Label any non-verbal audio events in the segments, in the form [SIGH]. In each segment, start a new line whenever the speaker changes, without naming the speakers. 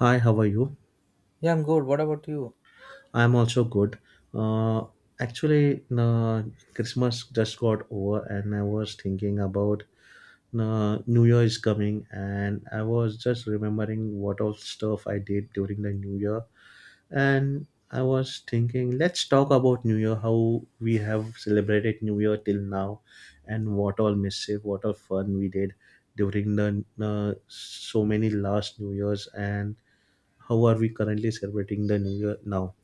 Hi, how are you?
Yeah, I'm good. What about you?
I'm also good. Uh, actually, Christmas just got over, and I was thinking about New Year is coming, and I was just remembering what all stuff I did during the New Year, and I was thinking, let's talk about New Year, how we have celebrated New Year till now, and what all mischief, what all fun we did during the so many last New Years, and how are we currently celebrating the New Year now?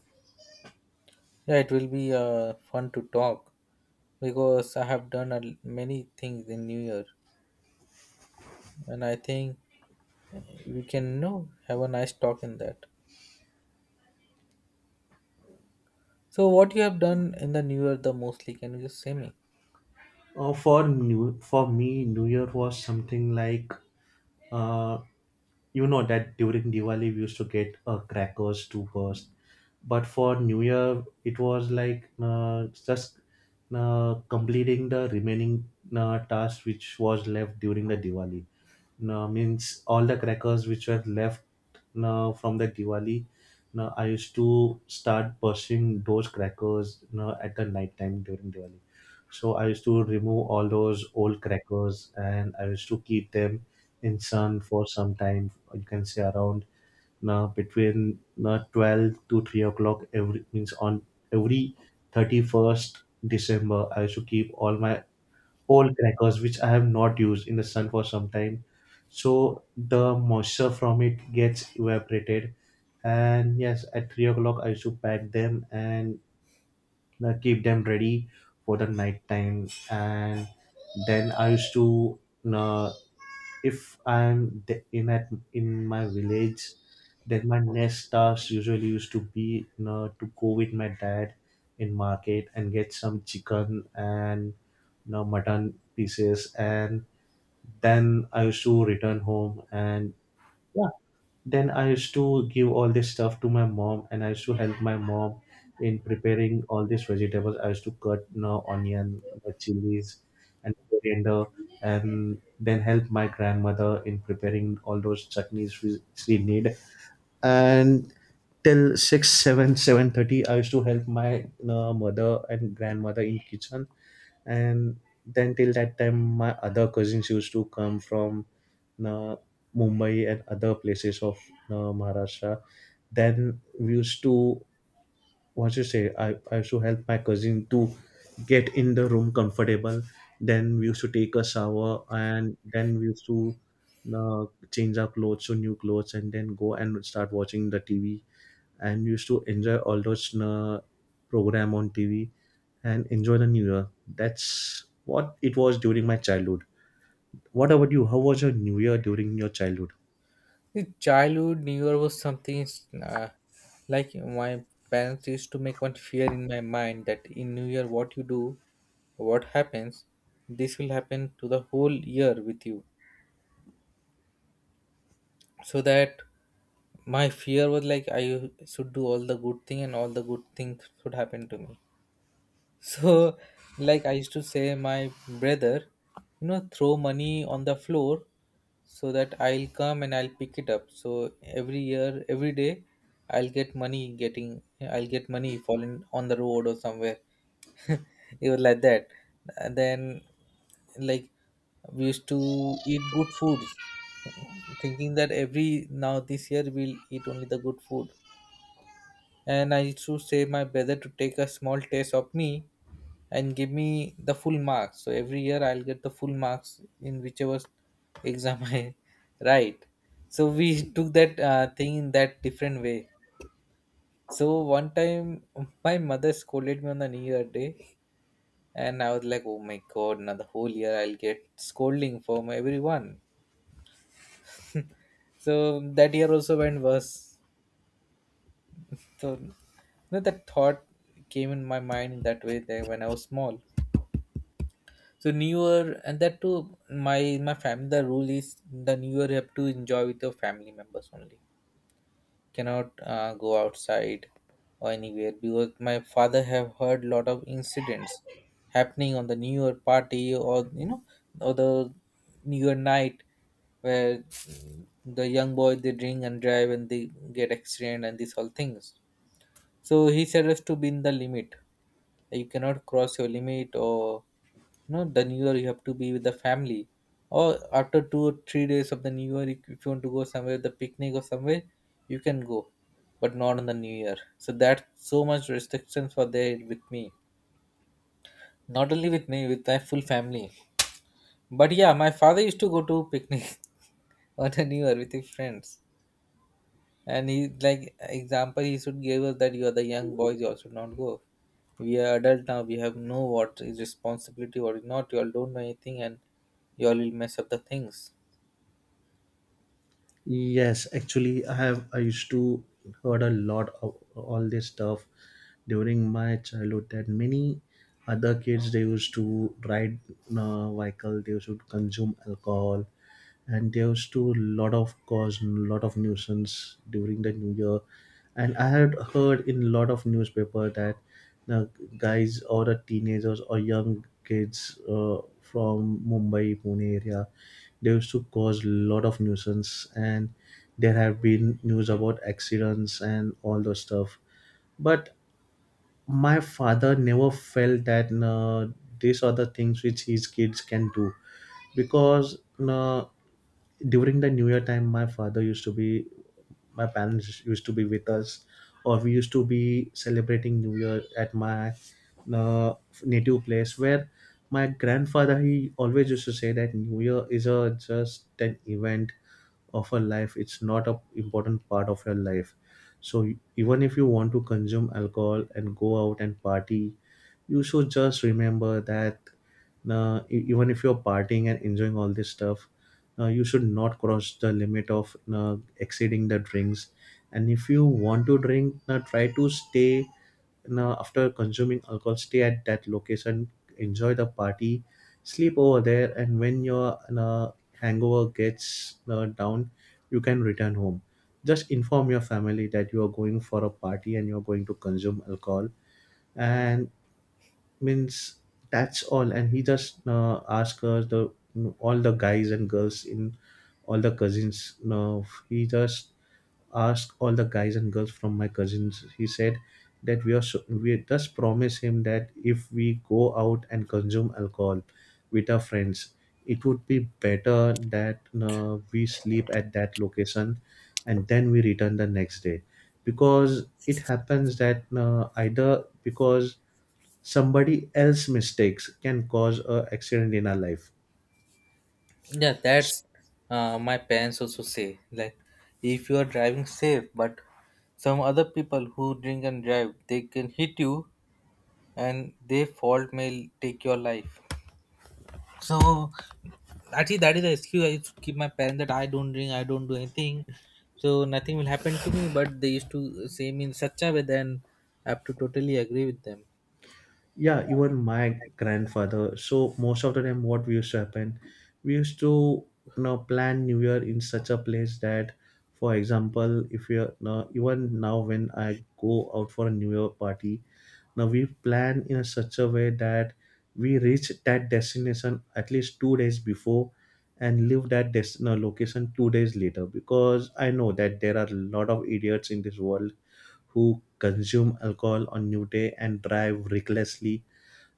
Yeah, it will be fun to talk because I have done many things in New Year, and I think we can have a nice talk in that. So, what you have done in the New Year the mostly? Can you just say me?
For me, New Year was something like uh, you know that during Diwali we used to get crackers to burst, but for New Year it was like just completing the remaining task which was left during the Diwali. No, means all the crackers which were left no, from the Diwali. No, I used to start bursting those crackers no, at the night time during Diwali. So I used to remove all those old crackers and I used to keep them in sun for some time. You can say around now between 12 to 3 o'clock every means on every 31st December. I used to keep all my old crackers which I have not used in the sun for some time. So the moisture from it gets evaporated, and yes, at 3 o'clock I used to pack them and keep them ready for the night time, and then I used to, uh, if I'm in my village, then my next task usually used to be, you know, to go with my dad in market and get some chicken and, you know, mutton pieces, and then I used to return home and yeah, then I used to give all this stuff to my mom, and I used to help my mom in preparing all these vegetables. I used to cut, you know, onion, the chilies, and coriander, and then help my grandmother in preparing all those chutneys we she need. And till six, seven, 7:30, I used to help my, you know, mother and grandmother in kitchen, and then till that time, my other cousins used to come from uh, Mumbai and other places of uh, Maharashtra. Then we used to, what you say. I used to help my cousin to get in the room comfortable. Then we used to take a shower and then we used to uh, change our clothes to new clothes and then go and start watching the TV, and we used to enjoy all those program on TV and enjoy the new year. That's what it was during my childhood. What about you? How was your new year during your childhood?
The childhood New Year was something uh, like my parents used to make one fear in my mind that in New Year what you do, what happens, this will happen to the whole year with you. So that my fear was like I should do all the good thing and all the good things should happen to me [LAUGHS] so like I used to say my brother, you know, throw money on the floor so that I'll come and I'll pick it up. So every year, every day, I'll get money getting, I'll get money falling on the road or somewhere. [LAUGHS] It was like that. And then, like, we used to eat good foods, thinking that every now this year we'll eat only the good food. And I used to say my brother to take a small taste of me and give me the full marks. So every year I'll get the full marks in whichever exam [LAUGHS] I write. So we took that thing in that different way. So one time my mother scolded me on the New Year day, and I was like, oh my god, now the whole year I'll get scolding from everyone. So that year also went worse. So that thought came in my mind in that way there when I was small. So New Year, and that too, my family, the rule is the New Year you have to enjoy with your family members only, cannot go outside or anywhere because my father have heard lot of incidents happening on the New Year party, or you know, or the New Year night, where the young boy, they drink and drive and they get accident and these all things. So he said us to be in the limit. You cannot cross your limit, or you know, the New Year you have to be with the family. Or after 2 or 3 days of the New Year, if you want to go somewhere, the picnic or somewhere, you can go, but not on the New Year. So that's so much restrictions for there with me. Not only with me, with my full family. But yeah, my father used to go to picnic [LAUGHS] on the New Year with his friends. And he, like, example he should give us that you are the young boys, you all should not go. We are adult now, we have know what is responsibility or not, you all don't know anything and you all will mess up the things.
Yes, actually, I have. I used to heard a lot of all this stuff during my childhood. That many other kids they used to ride vehicle, they used to consume alcohol, and they used to lot of cause lot of nuisance during the New Year. And I had heard in lot of newspaper that uh, guys or teenagers or young kids from Mumbai, Pune area. They used to cause a lot of nuisance, and there have been news about accidents and all those stuff. But my father never felt that these are the things which his kids can do because, uh, during the new year time my parents used to be with us, or we used to be celebrating new year at my uh, native place where my grandfather, he always used to say that new year is a just an event of a life, it's not a important part of your life. So even if you want to consume alcohol and go out and party, you should just remember that, even if you're partying and enjoying all this stuff, you should not cross the limit of exceeding the drinks. And if you want to drink, try to stay now, after consuming alcohol, stay at that location, enjoy the party, sleep over there, and when your hangover gets down, you can return home. Just inform your family that you are going for a party and you are going to consume alcohol, and means that's all. And he just asked us the all the guys and girls in all the cousins. No, he just asked all the guys and girls from my cousins. He said that we are so, we just promise him that if we go out and consume alcohol with our friends, it would be better that we sleep at that location and then we return the next day, because it happens that either because somebody else mistakes can cause a accident in our life.
Yeah, that's my parents also say. Like if you are driving safe, but some other people who drink and drive, they can hit you and their fault may take your life. So actually, that is the excuse I used to keep my parents that I don't drink, I don't do anything, so nothing will happen to me. But they used to say me in such a way, then I have to totally agree with them.
Yeah, even my grandfather, so most of the time what we used to happen, we used to, you know, plan new year in such a place that, for example, if you're now, even now when I go out for a new year party, now we plan in a such a way that we reach that destination at least 2 days before and leave that destination location 2 days later, because I know that there are a lot of idiots in this world who consume alcohol on new day and drive recklessly.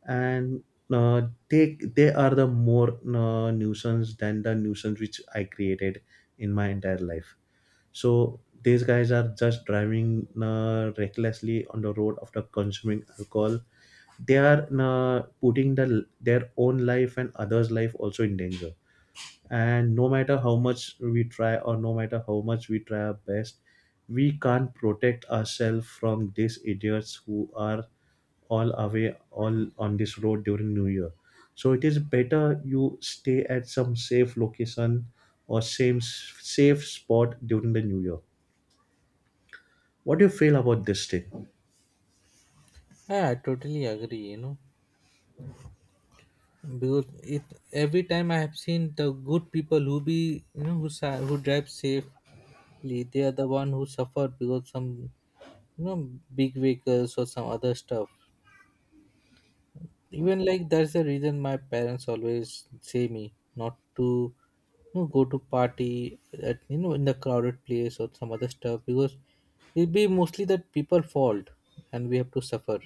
And uh, they are the more nuisance than the nuisance which I created in my entire life. So these guys are just driving recklessly on the road after consuming alcohol. They are putting the their own life and others' life also in danger, and no matter how much we try, or no matter how much we try our best, we can't protect ourselves from these idiots who are all away all on this road during new year. So it is better you stay at some safe location or safe spot during the new year. What do you feel about this thing?
Yeah, I totally agree. You know, because it every time I have seen the good people who be, you know, who who drive safely, they are the one who suffer because some, you know, big vehicles or some other stuff. Even like that's the reason my parents always say me not to, you know, go to party at, you know, in the crowded place or some other stuff because it'll be mostly that people fault and we have to suffer.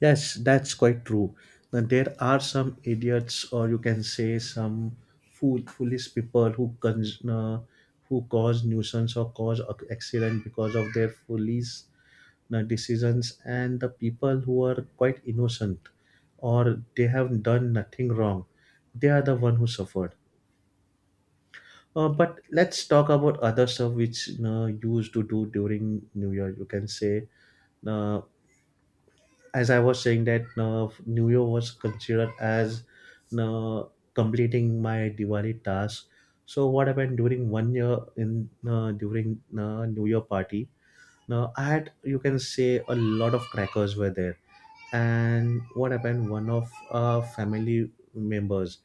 Yes, that's quite true. Now, there are some idiots, or you can say some foolish people who who cause nuisance or cause accident because of their foolish decisions, and the people who are quite innocent or they have done nothing wrong, they are the one who suffered. But let's talk about other stuff which used to do during New Year. You can say, uh, as I was saying that New Year was considered as uh, completing my Diwali task. So what happened during one year in during New Year party? Now I had, you can say, a lot of crackers were there, and what happened? One of family members,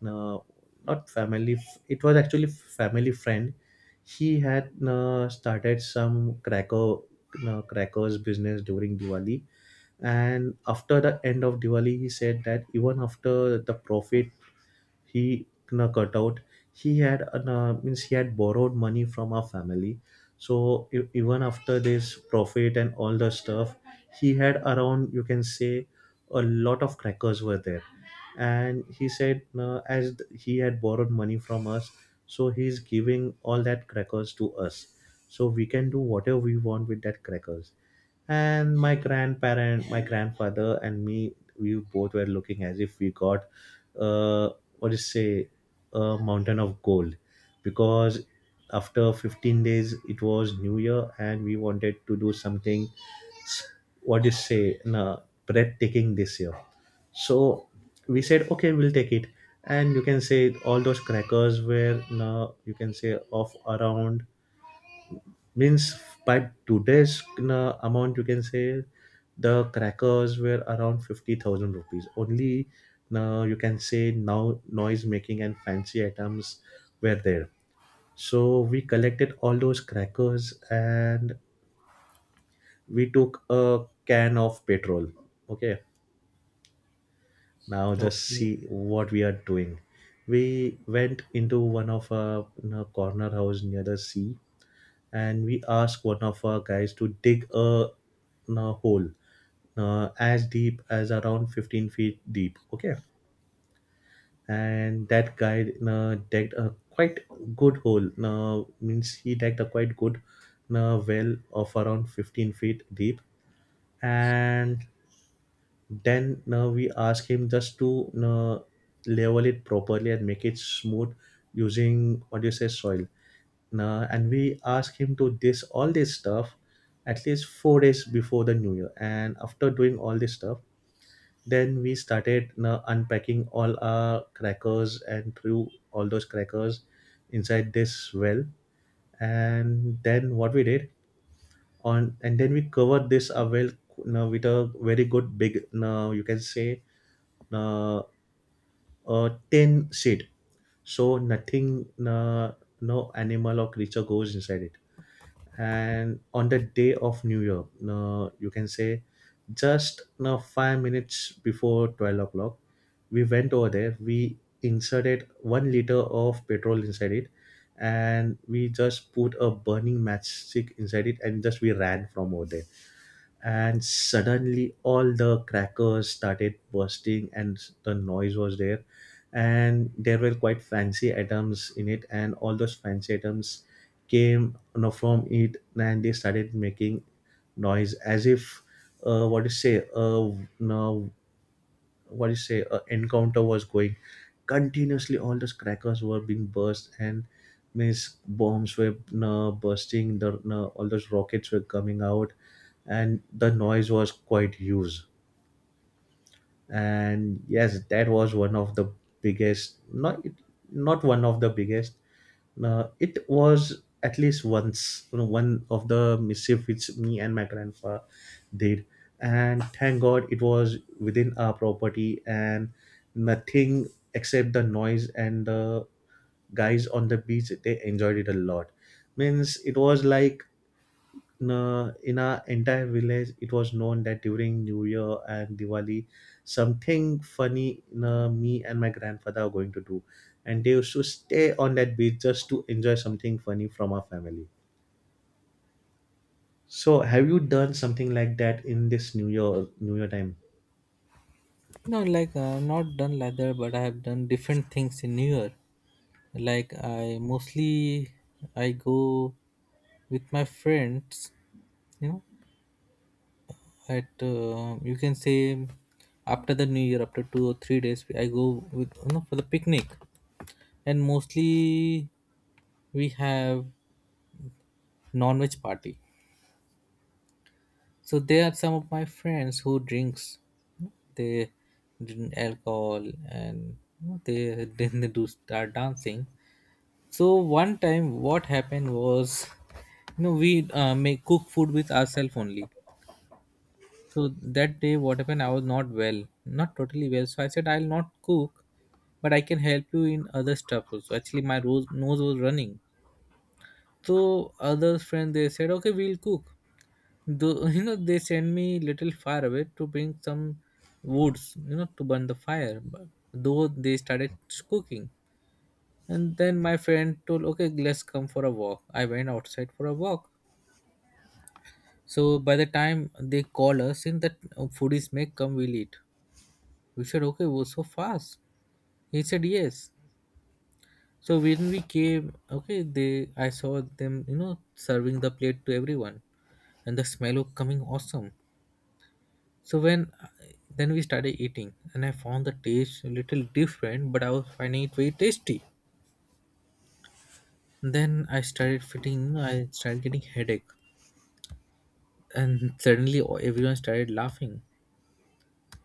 no, not family, it was actually family friend. He had started some crackers business during Diwali, and after the end of diwali he said that even after the profit he na cut out, he had an, no, means he had borrowed money from our family. So even after this profit and all the stuff, he had around, you can say, a lot of crackers were there. And he said, as he had borrowed money from us, so he's giving all that crackers to us, so we can do whatever we want with that crackers. And my grandfather and me, we both were looking as if we got, uh, what is say, a mountain of gold, because after 15 days it was new year and we wanted to do something, s- what is say nah, breathtaking this year. So we said okay, we'll take it. And you can say all those crackers were nah, you can say of around, means by today's amount, you can say the crackers were around 50,000 rupees. Only now you can say now noise making and fancy items were there. So we collected all those crackers and we took a can of petrol. Okay, now just
Okay,
see what we are doing. We went into one of a corner house near the sea and we asked one of our guys to dig a hole as deep as around 15 feet deep, okay? And that guy dug a quite good hole, means he dug a quite good well of around 15 feet deep. And then we ask him just to level it properly and make it smooth using what do you say soil, nah? And we ask him to this all this stuff at least 4 days before the New Year. And after doing all this stuff then we started, nah, unpacking all our crackers and threw all those crackers inside this well. And then what we did on and then we covered this well, nah, with a very good big, now you can say, uh, a tin seed, so nothing, no animal or creature goes inside it. And on the day of New Year, you can say just now 5 minutes before 12 o'clock, we went over there, we inserted 1 liter of petrol inside it, and we just put a burning matchstick inside it and just we ran from over there. And suddenly all the crackers started bursting and the noise was there. And there were quite fancy items in it, and all those fancy items came, from it, and they started making noise as if, what to say you know, what do you say encounter was going continuously. All those crackers were being burst and means bombs were bursting, the all those rockets were coming out. And the noise was quite huge. And yes, that was one of the biggest not biggest, it was at least once, one of the mischief which me and my grandpa did. And thank god it was within our property and nothing except the noise. And the guys on the beach, they enjoyed it a lot. Means it was like, in our entire village it was known that during New Year and Diwali something funny, me and my grandfather are going to do. And they used to stay on that beach just to enjoy something funny from our family. So have you done something like that in this New Year time?
no, like I'm not done leather, but I have done different things in New Year. Like I mostly I go with my friends, you know, at you can say after the New Year, after 2 or 3 days, I go with, you know, for the picnic. And mostly we have non-veg party. So there are some of my friends who drinks, they drink alcohol, and you know, they [LAUGHS] then they do start dancing. So one time what happened was, you know, we make cook food with ourselves only. So that day, what happened? I was not well, not totally well. So I said, I'll not cook, but I can help you in other stuff also. Actually, my rose, nose was running. So other friend they said, okay, we'll cook. Though [LAUGHS] you know, they sent me little far away to bring some woods, you know, to burn the fire. But though they started cooking, and then my friend told, okay, let's come for a walk. I went outside for a walk. So by the time they call us, in that food is made, come, we'll eat. We said, okay, we so fast. He said, yes. So when we came, okay, they I saw them, you know, serving the plate to everyone, and the smell was coming awesome. So when then we started eating, and I found the taste a little different, but I was finding it very tasty. Then I started feeling, I started getting headache, and suddenly everyone started laughing,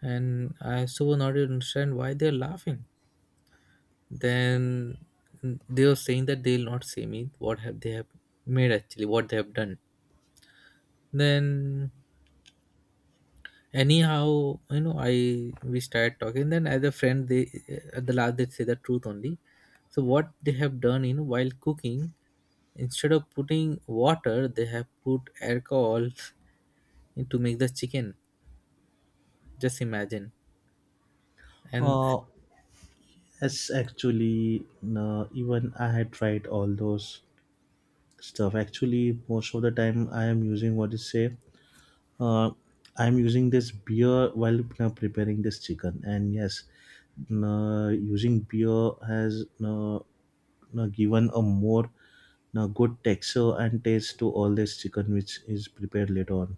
and I so not understand why they're laughing. Then they were saying that they'll not see me what have they have made, actually what they have done. Then anyhow, you know, I we started talking. Then as a friend they, at the last they say the truth only. So what they have done, you know, while cooking, instead of putting water they have put alcohol [LAUGHS] in to make the chicken. Just imagine. And
uh, yes, actually, no, even I had tried all those stuff. Actually, most of the time I am using what is say, uh, I'm using this beer while preparing this chicken, and yes, using beer has, given a more good texture and taste to all this chicken which is prepared later on.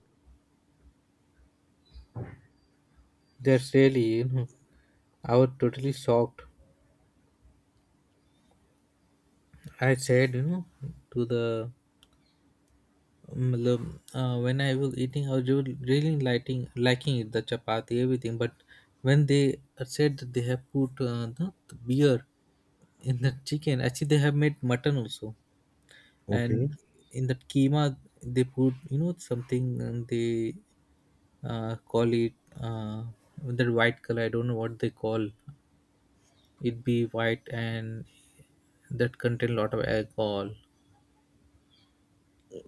that's really, you know, I was totally shocked. I said, you know, to the मतलब, when I was eating, I was really liking it, the chapati, everything. But when they said that they have put the beer in the chicken, actually they have made mutton also,
Okay.
and in the keema they put, you know, something they call it uh, that white color. I don't know what they call it. Be white and that contain a lot of alcohol.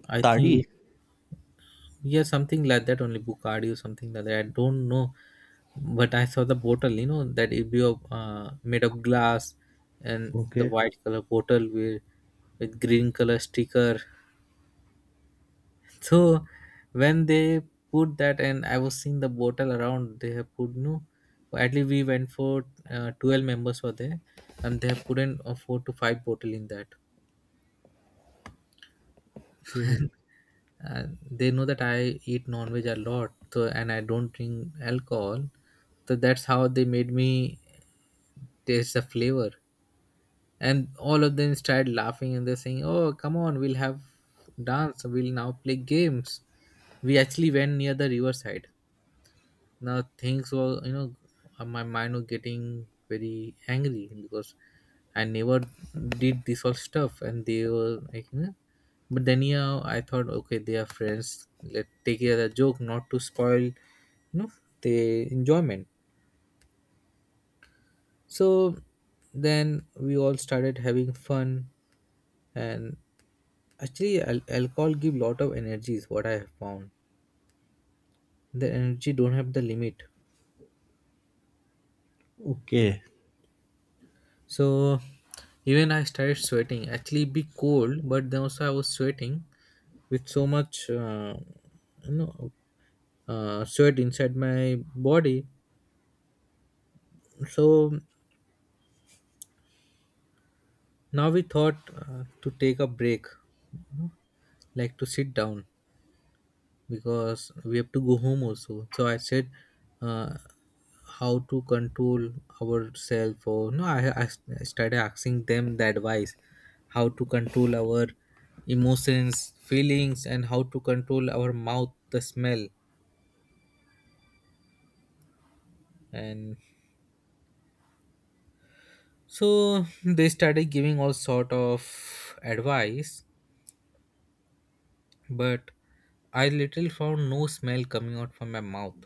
I
Tadi.
think Yeah, something like that only Bucardi or something like that. I don't know, but I saw the bottle. You know that it be of made of glass and the
okay,
white color bottle with green color sticker. [LAUGHS] So when they put that, and I was seeing the bottle around, they have put no. At least we went for 12 members were there, and they have put in four to five bottle in that.
okay,
And they know that I eat non-veg a lot, so and I don't drink alcohol. So that's how they made me taste the flavor. And all of them started laughing and they're saying, "Oh, come on, we'll have dance. We'll now play games." We actually went near the riverside. Now things were, you know, my mind was getting very angry because I never did this all stuff and they were like, you know, but then yeah I thought okay they are friends, let take it as a joke not to spoil, you know, the enjoyment. So then we all started having fun. And actually alcohol give lot of energies what I have found. The energy don't have the limit.
okay,
So even I started sweating. Actually, be cold, but then also I was sweating with so much, you know, sweat inside my body. So now we thought to take a break, you know, like to sit down, because we have to go home also. So I said, uh, how to control ourselves? Or no, I started asking them the advice, how to control our emotions, feelings, and how to control our mouth, the smell, and so they started giving all sort of advice, but I literally found no smell coming out from my mouth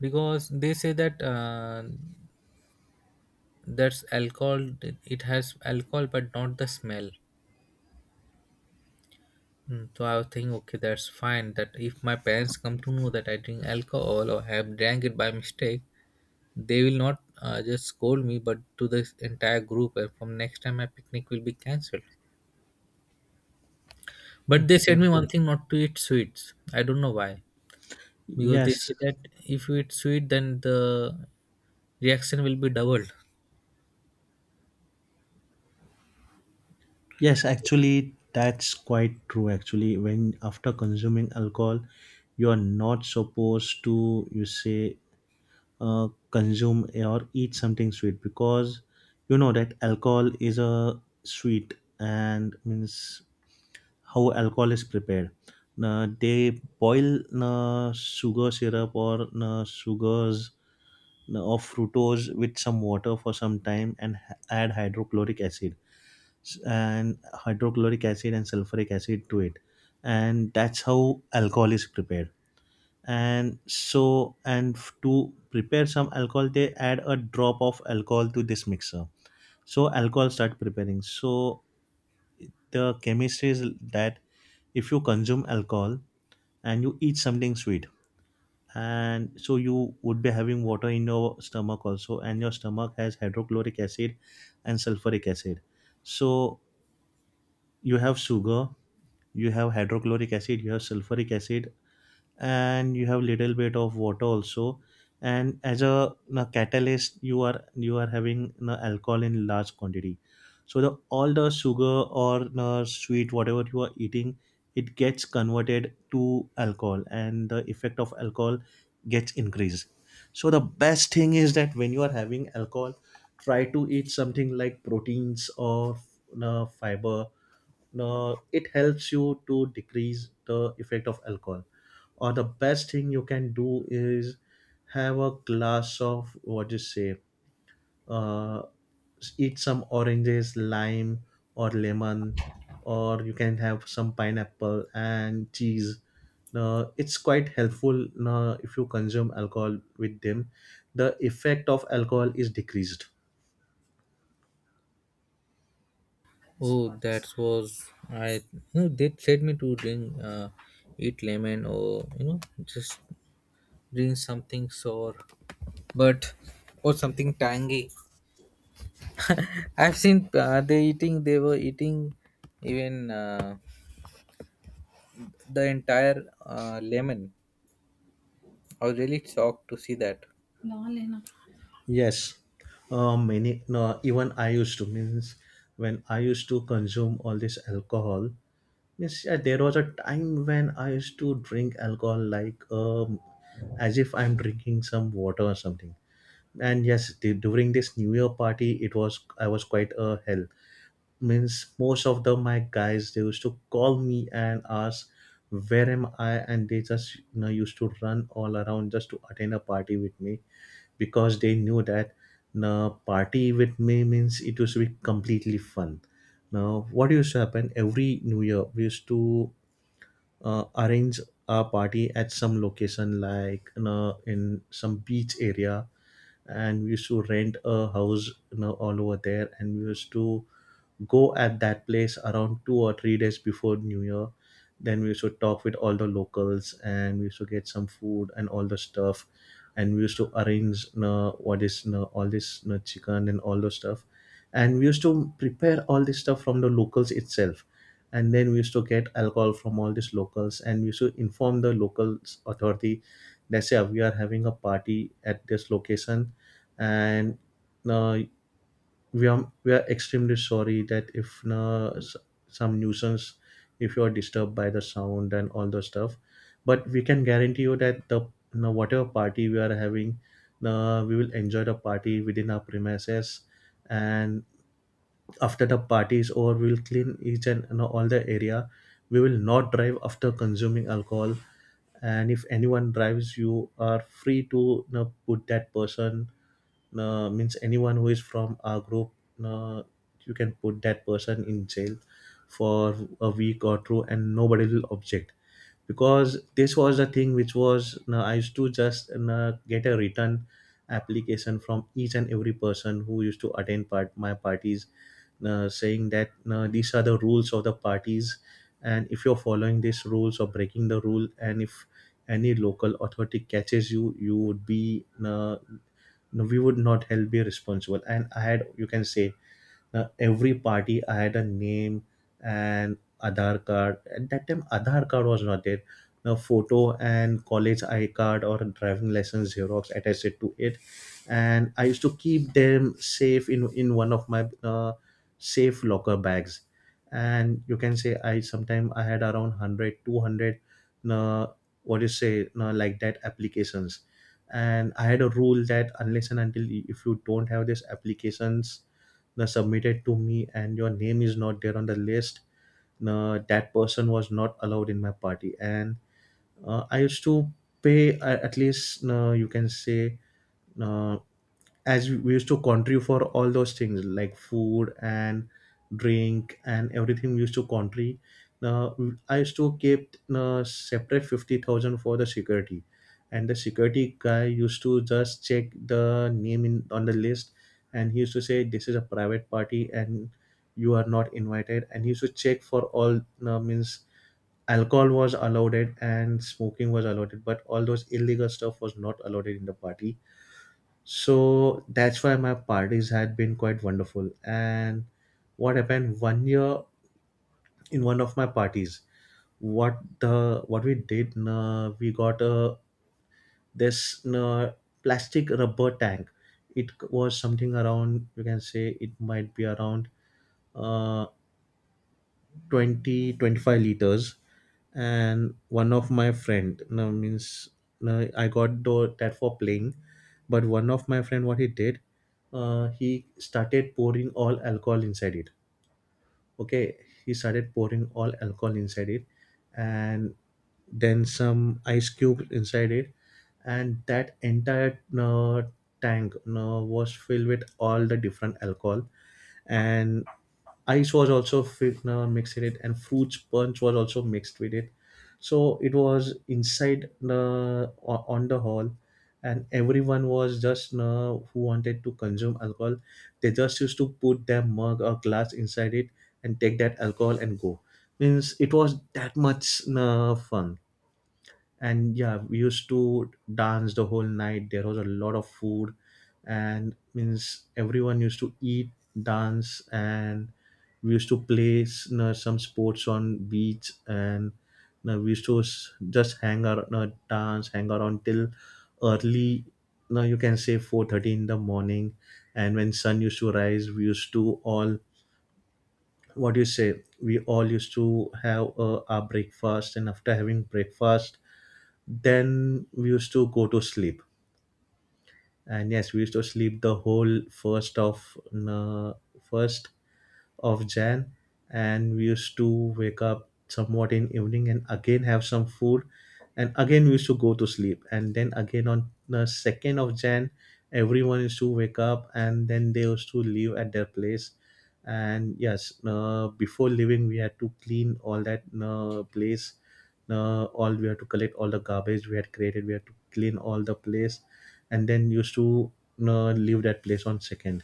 because they say that. That's alcohol, it has alcohol but not the smell. Mm, so I was thinking okay that's fine that if my parents come to know that I drink alcohol or have drank it by mistake, they will not just scold me but to this entire group and from next time my picnic will be cancelled. But they
okay.
said me one thing, not to eat sweets, I don't know why, because they
Yes,
say that if you eat sweet then the reaction will be doubled.
yes. Actually, that's quite true. Actually, when after consuming alcohol, you are not supposed to you say, consume or eat something sweet, because you know that alcohol is a sweet, and means how alcohol is prepared. They boil sugar syrup or sugars of fructose with some water for some time, and add hydrochloric acid, and hydrochloric acid and sulfuric acid to it, and that's how alcohol is prepared. And so to prepare some alcohol they add a drop of alcohol to this mixer, so alcohol start preparing. So the chemistry is that if you consume alcohol and you eat something sweet, and so you would be having water in your stomach also, and your stomach has hydrochloric acid and sulfuric acid. So you have sugar, you have hydrochloric acid, you have sulfuric acid, and you have little bit of water also. And as a, catalyst, you are having, alcohol in large quantity. So the all the sugar, or, sweet, whatever you are eating, it gets converted to alcohol and the effect of alcohol gets increased. So the best thing is that when you are having alcohol, try to eat something like proteins or, fiber. It helps you to decrease the effect of alcohol. Or the best thing you can do is have a glass of what you say, uh, eat some oranges, lime or lemon, or you can have some pineapple and cheese. Now it's quite helpful. Now if you consume alcohol with them, the effect of alcohol is decreased.
Oh, that was I. You know, they said me to drink, eat lemon, or you know, just drink something sour, but or something tangy. I've seen they eating. They were eating even the entire lemon. I was really shocked to see that. Lol, है
Yes, many. No, even I used to means when I used to consume all this alcohol. Means yeah, there was a time when I used to drink alcohol like, as if I'm drinking some water or something. And yes, during this New Year party, it was I was quite a hell. Means most of the my guys, they used to call me and ask where am I, and they just, used to run all around just to attend a party with me, because they knew that now party with me means it used to be completely fun. Now, what used to happen every New Year, we used to arrange a party at some location, like, in some beach area, and we used to rent a house, all over there, and we used to go at that place around 2 or 3 days before New Year. Then we used to talk with all the locals and we used to get some food and all the stuff. And we used to arrange, what is all this chicken and all the stuff. And we used to prepare all this stuff from the locals itself. And then we used to get alcohol from all these locals and we used to inform the locals authority that say we are having a party at this location, and uh, we are extremely sorry that if, na, some nuisance, if you are disturbed by the sound and all the stuff, but we can guarantee you that the, na, whatever party we are having, na, we will enjoy the party within our premises, and after the party is over we will clean each and, na, all the area. We will not drive after consuming alcohol, and if anyone drives you are free to, na, put that person, means anyone who is from our group, uh, you can put that person in jail for a week or two, and nobody will object, because this was the thing which was, I used to just get a written application from each and every person who used to attend part my parties, saying that these are the rules of the parties, and if you're following these rules or breaking the rule, and if any local authority catches you, you would be, no, we would not help be responsible. And I had, you can say, every party I had a name and Aadhaar card, at that time Aadhaar card was not there, a photo and college I card or driving license xerox attached to it. And I used to keep them safe in one of my safe locker bags. And you can say, I sometime I had around one hundred two hundred. 200, what you say, like that, applications. And I had a rule that, unless and until, if you don't have these applications, na, submitted to me and your name is not there on the list, na, that person was not allowed in my party. And I used to pay at least, na, you can say, na, as we used to contribute for all those things like food and drink and everything we used to contribute. Now I used to keep separate 50,000 for the security, and the security guy used to just check the name in on the list, and he used to say this is a private party and you are not invited, and he used to check for all, means alcohol was allowed and smoking was allowed, but all those illegal stuff was not allowed in the party. So that's why my parties had been quite wonderful. And what happened one year, in one of my parties, what we did, we got a this plastic rubber tank. It was something around, you can say it might be around, uh, 20 25 liters. And one of my friend, no, means, no, I got that for playing, but one of my friend, what he did, he started pouring all alcohol inside it. Okay, he started pouring all alcohol inside it, and then some ice cubes inside it, and that entire tank was filled with all the different alcohol. And ice was also mixed in it, and fruits punch was also mixed with it. So it was inside the, on the hall, and everyone was just, who wanted to consume alcohol, they just used to put their mug or glass inside it and take that alcohol and go. Means it was that much fun. And yeah, we used to dance the whole night, there was a lot of food, and means everyone used to eat, dance, and we used to play some sports on beach, and, we used to just hang around, dance, hang around till early, now you can say 4:30 in the morning. And when sun used to rise we used to all, what do you say, we all used to have our breakfast, and after having breakfast then we used to go to sleep. And yes, we used to sleep the whole first of, uh, first of Jan, and we used to wake up somewhat in evening and again have some food, and again we used to go to sleep. And then again on the 2nd of January, everyone used to wake up, and then they used to leave at their place. And yes, before leaving, we had to clean all that place. All we had to collect all the garbage we had created. We had to clean all the place, and then used to leave that place on second.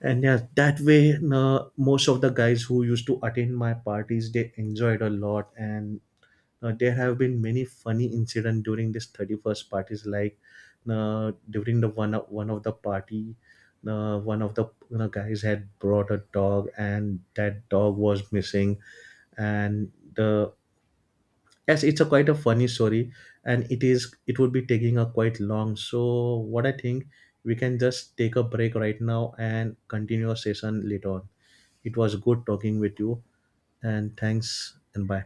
And yeah, that way, most of the guys who used to attend my parties they enjoyed a lot. And there have been many funny incident during this 31st parties, like, during the, one of the party, one of the, guys had brought a dog, and that dog was missing, and the, yes, it's a quite a funny story, and it would be taking a quite long, so what I think we can just take a break right now and continue our session later on. It was good talking with you, and thanks and bye.